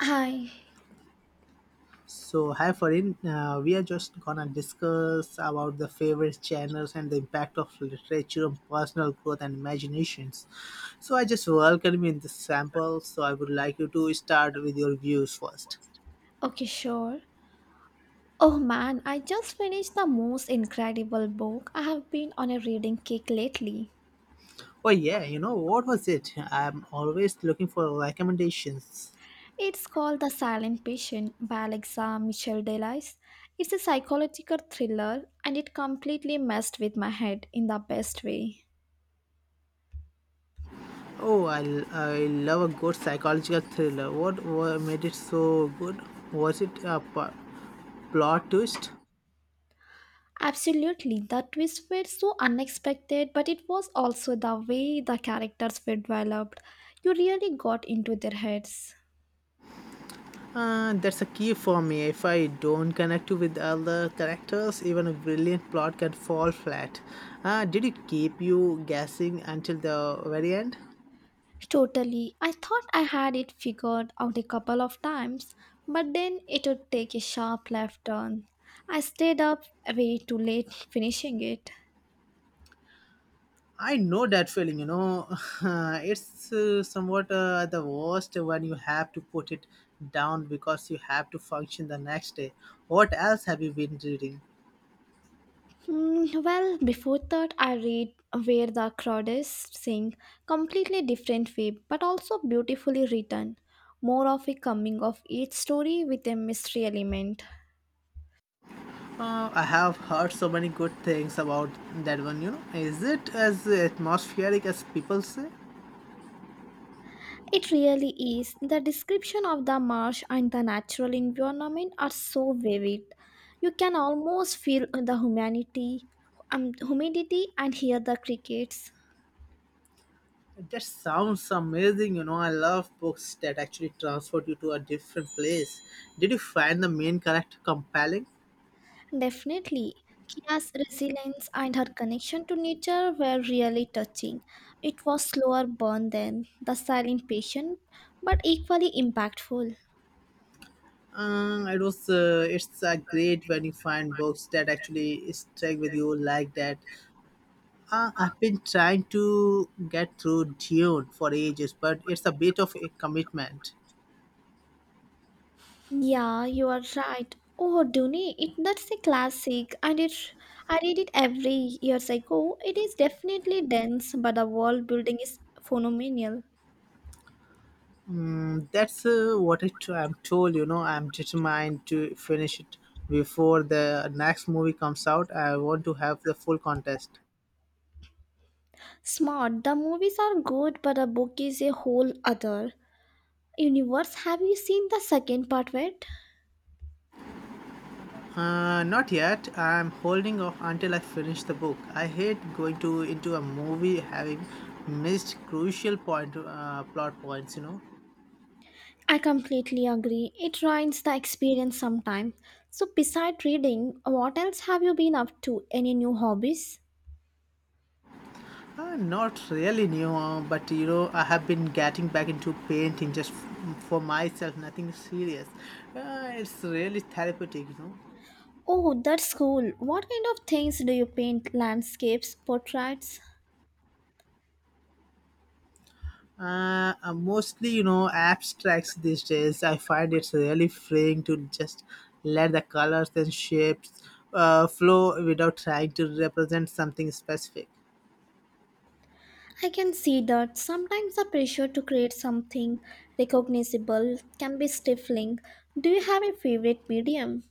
Hi. So, hi Farin, we are just gonna discuss about the favorite channels and the impact of literature on personal growth and imaginations. So, I just welcome you in this sample. So, I would like you to start with your views first. Okay, sure. Oh man, I just finished the most incredible book. I have been on a reading kick lately. Oh yeah, what was it? I'm always looking for recommendations. It's called The Silent Patient by Alexa Michelle Delise. It's a psychological thriller and it completely messed with my head in the best way. Oh, I love a good psychological thriller. What made it so good? Was it a plot twist? Absolutely, the twists were so unexpected, but it was also the way the characters were developed. You really got into their heads. That's a key for me. If I don't connect with other characters, even a brilliant plot can fall flat. Did it keep you guessing until the very end? Totally. I thought I had it figured out a couple of times, but then it would take a sharp left turn. I stayed up way too late finishing it. I know that feeling. It's somewhat the worst when you have to put it down because you have to function the next day. What else have you been reading? Well, before that, I read Where the Crowd Is Sing, completely different way, but also beautifully written. More of a coming of age story with a mystery element. I have heard so many good things about that one. Is it as atmospheric as people say? It really is. The description of the marsh and the natural environment are so vivid. You can almost feel the humanity, humidity and hear the crickets. That sounds amazing. You know, I love books that actually transport you to a different place. Did you find the main character compelling? Definitely, Kia's resilience and her connection to nature were really touching. It was slower burn than the silent patient, but equally impactful. It was. It's great when you find books that actually stick with you like that. I've been trying to get through Dune for ages, but it's a bit of a commitment. Yeah, you are right. Oh, Duni, it that's a classic, and it I read it every years ago. It is definitely dense, but the world building is phenomenal. That's what I'm told. You know, I'm determined to finish it before the next movie comes out. I want to have the full contest. Smart. The movies are good, but the book is a whole other universe. Have you seen the second part of it? Not yet. I'm holding off until I finish the book. I hate going to into a movie having missed crucial point plot points. You know, I completely agree. It ruins the experience sometime. So, beside reading, what else have you been up to? Any new hobbies? Not really new, but you know, I have been getting back into painting just for myself. Nothing serious. It's really therapeutic. You know. Oh, that's cool. What kind of things do you paint? Landscapes, portraits? Mostly, you know, abstracts these days. I find it's really freeing to just let the colors and shapes flow without trying to represent something specific. I can see that sometimes the pressure to create something recognizable can be stifling. Do you have a favorite medium?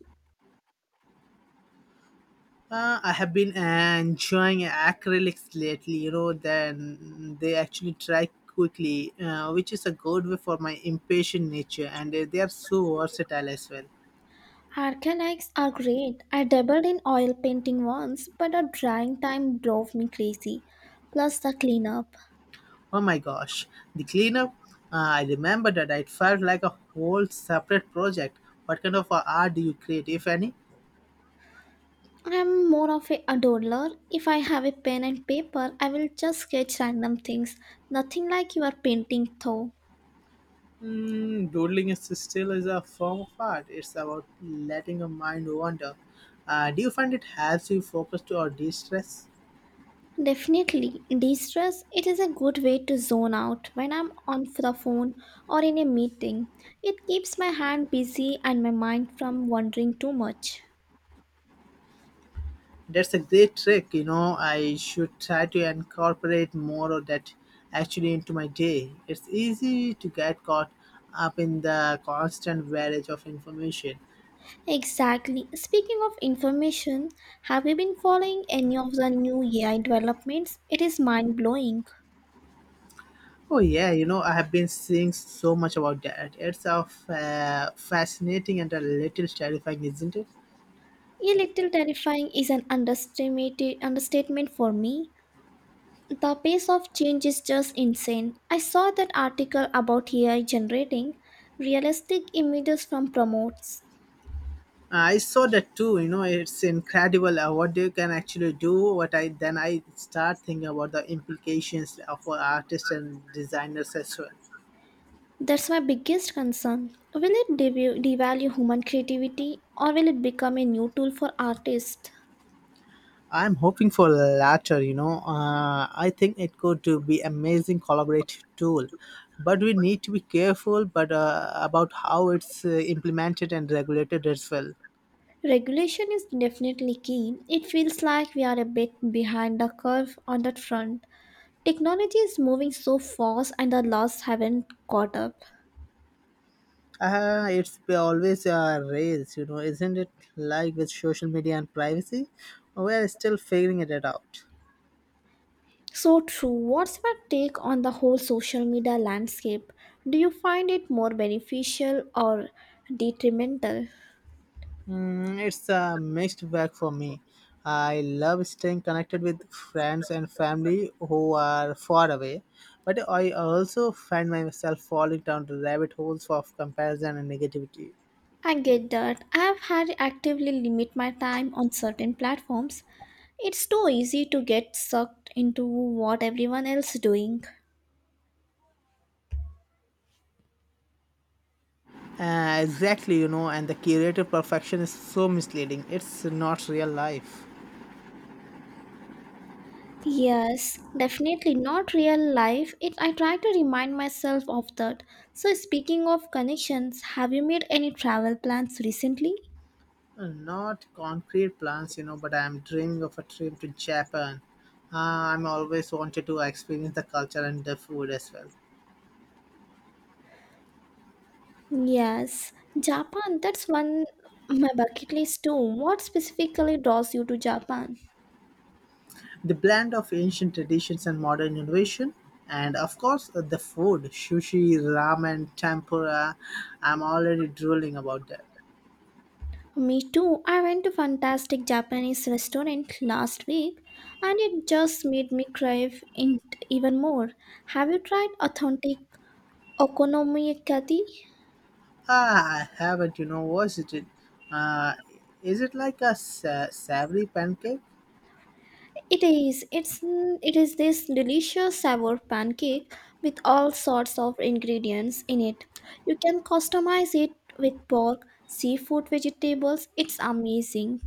I have been enjoying acrylics lately, you know, then they actually dry quickly, which is a good way for my impatient nature, and they are so versatile as well. Acrylics are great. I dabbled in oil painting once, but the drying time drove me crazy. Plus the cleanup. Oh my gosh, the cleanup. I remember that it felt like a whole separate project. What kind of art do you create, if any? I'm more of a doodler. If I have a pen and paper, I will just sketch random things. Nothing like your painting though. Mm, doodling is still is a form of art. It's about letting your mind wander. Do you find it helps you focus to or de-stress? Definitely, de-stress. It is a good way to zone out when I'm on the phone or in a meeting. It keeps my hand busy and my mind from wandering too much. That's a great trick. You know, I should try to incorporate more of that actually into my day. It's easy to get caught up in the constant barrage of information. Exactly. Speaking of information, have you been following any of the new AI developments? It is mind blowing. Oh yeah, you know I have been seeing so much about that. It's a fascinating and a little terrifying, isn't it? A little terrifying is an understated understatement for me. The pace of change is just insane. I saw that article about AI generating realistic images from promotes. I saw that too. You know, it's incredible what they can actually do. What I then I start thinking about the implications of for artists and designers as well. That's my biggest concern. Will it devalue human creativity or will it become a new tool for artists? I'm hoping for the latter. You know, I think it could to be amazing collaborative tool, but we need to be careful. But about how it's implemented and regulated as well. Regulation is definitely key. It feels like we are a bit behind the curve on that front. Technology is moving so fast and the laws haven't caught up. It's always a race, you know, isn't it? Like with social media and privacy, we're still figuring it out. So true. What's your take on the whole social media landscape? Do you find it more beneficial or detrimental? Mm, it's a mixed bag for me. I love staying connected with friends and family who are far away, but I also find myself falling down the rabbit holes of comparison and negativity. I get that. I have had to actively limit my time on certain platforms. It's too easy to get sucked into what everyone else is doing. Exactly, you know, and the curated perfection is so misleading. It's not real life. Yes, definitely not real life. It I try to remind myself of that. So speaking of connections, have you made any travel plans recently? Not concrete plans, you know, but I'm dreaming of a trip to Japan. Uh, I'm always wanted to experience the culture and the food as well. Yes, Japan, that's one my bucket list too. What specifically draws you to Japan? The blend of ancient traditions and modern innovation, and of course, the food sushi, ramen, tempura. I'm already drooling about that. Me too. I went to fantastic Japanese restaurant last week and it just made me crave it even more. Have you tried authentic okonomiyaki? Ah, I haven't, you know, was it? Uh, is it like a savory pancake? It is. It is this delicious sour pancake with all sorts of ingredients in it. You can customize it with pork, seafood, vegetables. It's amazing.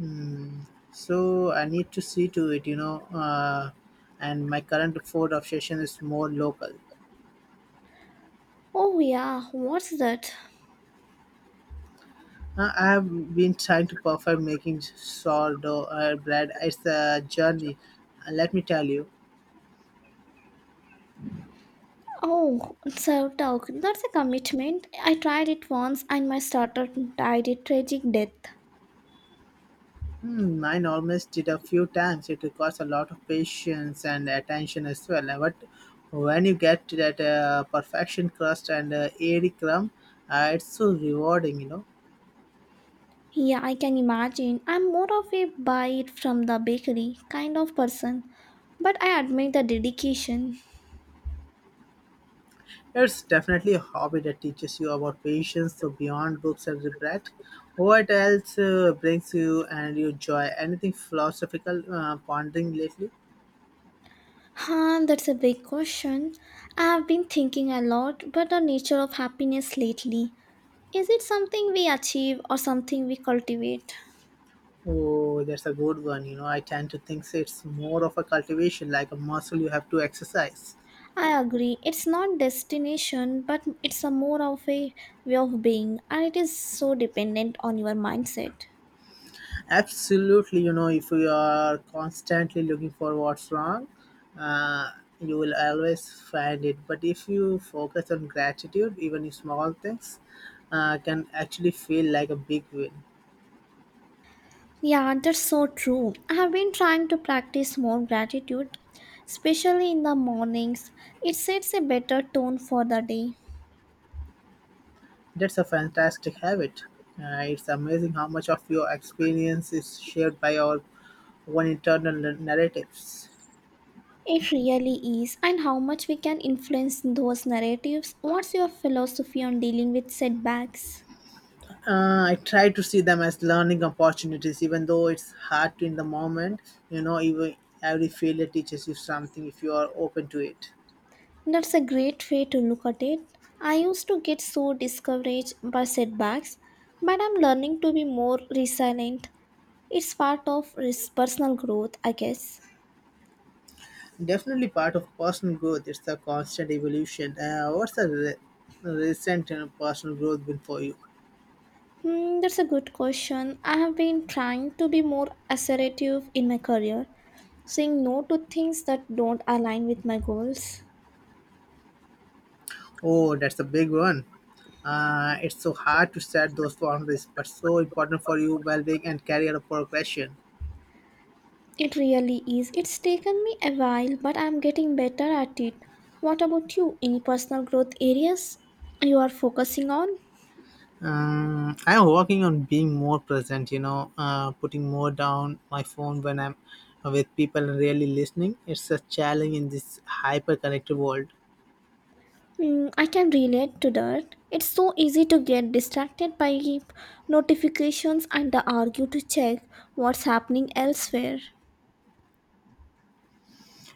Mm, so I need to see to it, you know. Uh, and my current food obsession is more local. Oh yeah, what's that? I have been trying to perfect making sourdough bread. It's a journey, let me tell you. Oh, sourdough. That's a commitment. I tried it once and my starter died a tragic death. Hmm, mine almost did a few times. It requires a lot of patience and attention as well. But when you get to that perfection crust and airy crumb, it's so rewarding, you know. Yeah, I can imagine. I'm more of a buy it from the bakery kind of person, but I admire the dedication. It's definitely a hobby that teaches you about patience, so beyond books and regret. What else brings you and you joy? Anything philosophical pondering lately? That's a big question. I've been thinking a lot about the nature of happiness lately. Is it something we achieve or something we cultivate? Oh, that's a good one. You know, I tend to think it's more of a cultivation, like a muscle you have to exercise. I agree. It's not destination, but it's a more of a way of being, and it is so dependent on your mindset. Absolutely, you know, if you are constantly looking for what's wrong, uh, you will always find it. But if you focus on gratitude, even small things can actually feel like a big win. Yeah, that's so true. I have been trying to practice more gratitude, especially in the mornings. It sets a better tone for the day. That's a fantastic habit. It's amazing how much of your experience is shared by our own internal narratives. It really is, and how much we can influence those narratives. What's your philosophy on dealing with setbacks? I try to see them as learning opportunities, even though it's hard to in the moment. You know, even every failure teaches you something if you are open to it. That's a great way to look at it. I used to get so discouraged by setbacks, but I'm learning to be more resilient. It's part of personal growth, I guess. Definitely part of personal growth. It's a constant evolution. What's a recent you know, personal growth been for you? That's a good question. I have been trying to be more assertive in my career, saying no to things that don't align with my goals. Oh, that's a big one. It's so hard to set those boundaries, but so important for you well-being and career progression. It really is. It's taken me a while, but I'm getting better at it. What about you? Any personal growth areas you are focusing on? I'm working on being more present, you know, putting more down my phone when I'm with people and really listening. It's a challenge in this hyper connected world. Mm, I can relate to that. It's so easy to get distracted by notifications and the argue to check what's happening elsewhere.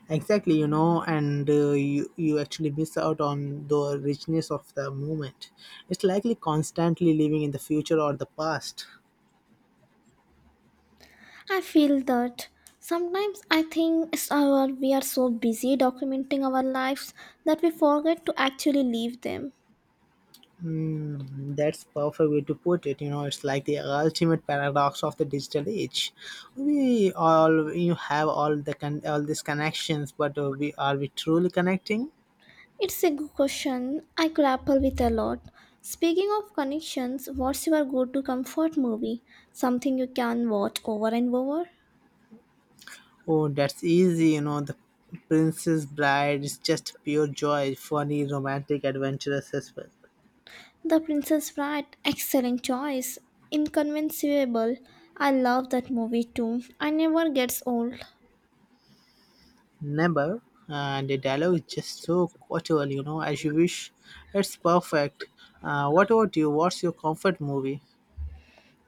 Exactly, you know, and you actually miss out on the richness of the moment. It's likely constantly living in the future or the past. I feel that sometimes I think it's our, we are so busy documenting our lives that we forget to actually live them. Mm, that's perfect way to put it. You know, it's like the ultimate paradox of the digital age. We all you have all the all these connections, but we are we truly connecting? It's a good question I grapple with a lot. Speaking of connections, what's your go to comfort movie? Something you can watch over and over? Oh, that's easy. You know, the Princess Bride is just pure joy, funny, romantic, adventurous as well. The Princess Bride, excellent choice. Inconceivable. I love that movie too. I never gets old. Never, and the dialogue is just so quotable. You know, as you wish. It's perfect. What about you? What's your comfort movie?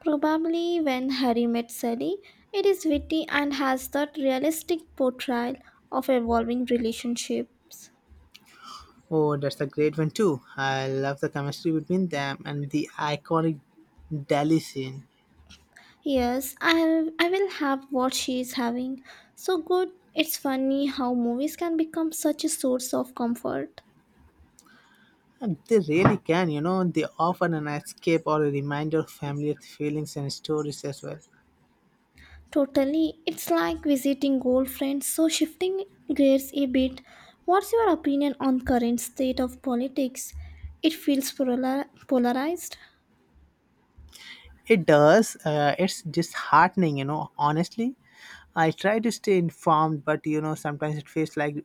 Probably when Harry met Sally, it is witty and has that realistic portrayal of evolving relationships. Oh, that's a great one too. I love the chemistry between them and the iconic Delhi scene. Yes, I will have what she is having. So good. It's funny how movies can become such a source of comfort. And they really can, you know, they offer an escape or a reminder of familiar feelings and stories as well. Totally. It's like visiting old friends. So shifting gears a bit, what's your opinion on current state of politics? It feels polarized. It does. It's disheartening, you know, honestly. I try to stay informed, but you know, sometimes it feels like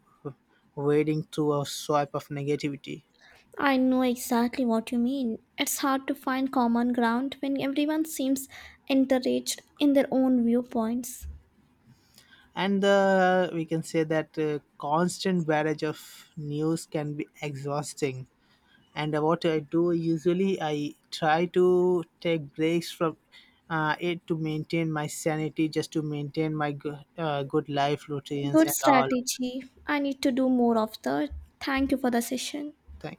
wading through a swipe of negativity. I know exactly what you mean. It's hard to find common ground when everyone seems encouraged in their own viewpoints. And we can say that constant barrage of news can be exhausting. And what I do usually I try to take breaks from it to maintain my sanity just to maintain my good life routines Good and all strategy. I need to do more of the. Thank you for the session. things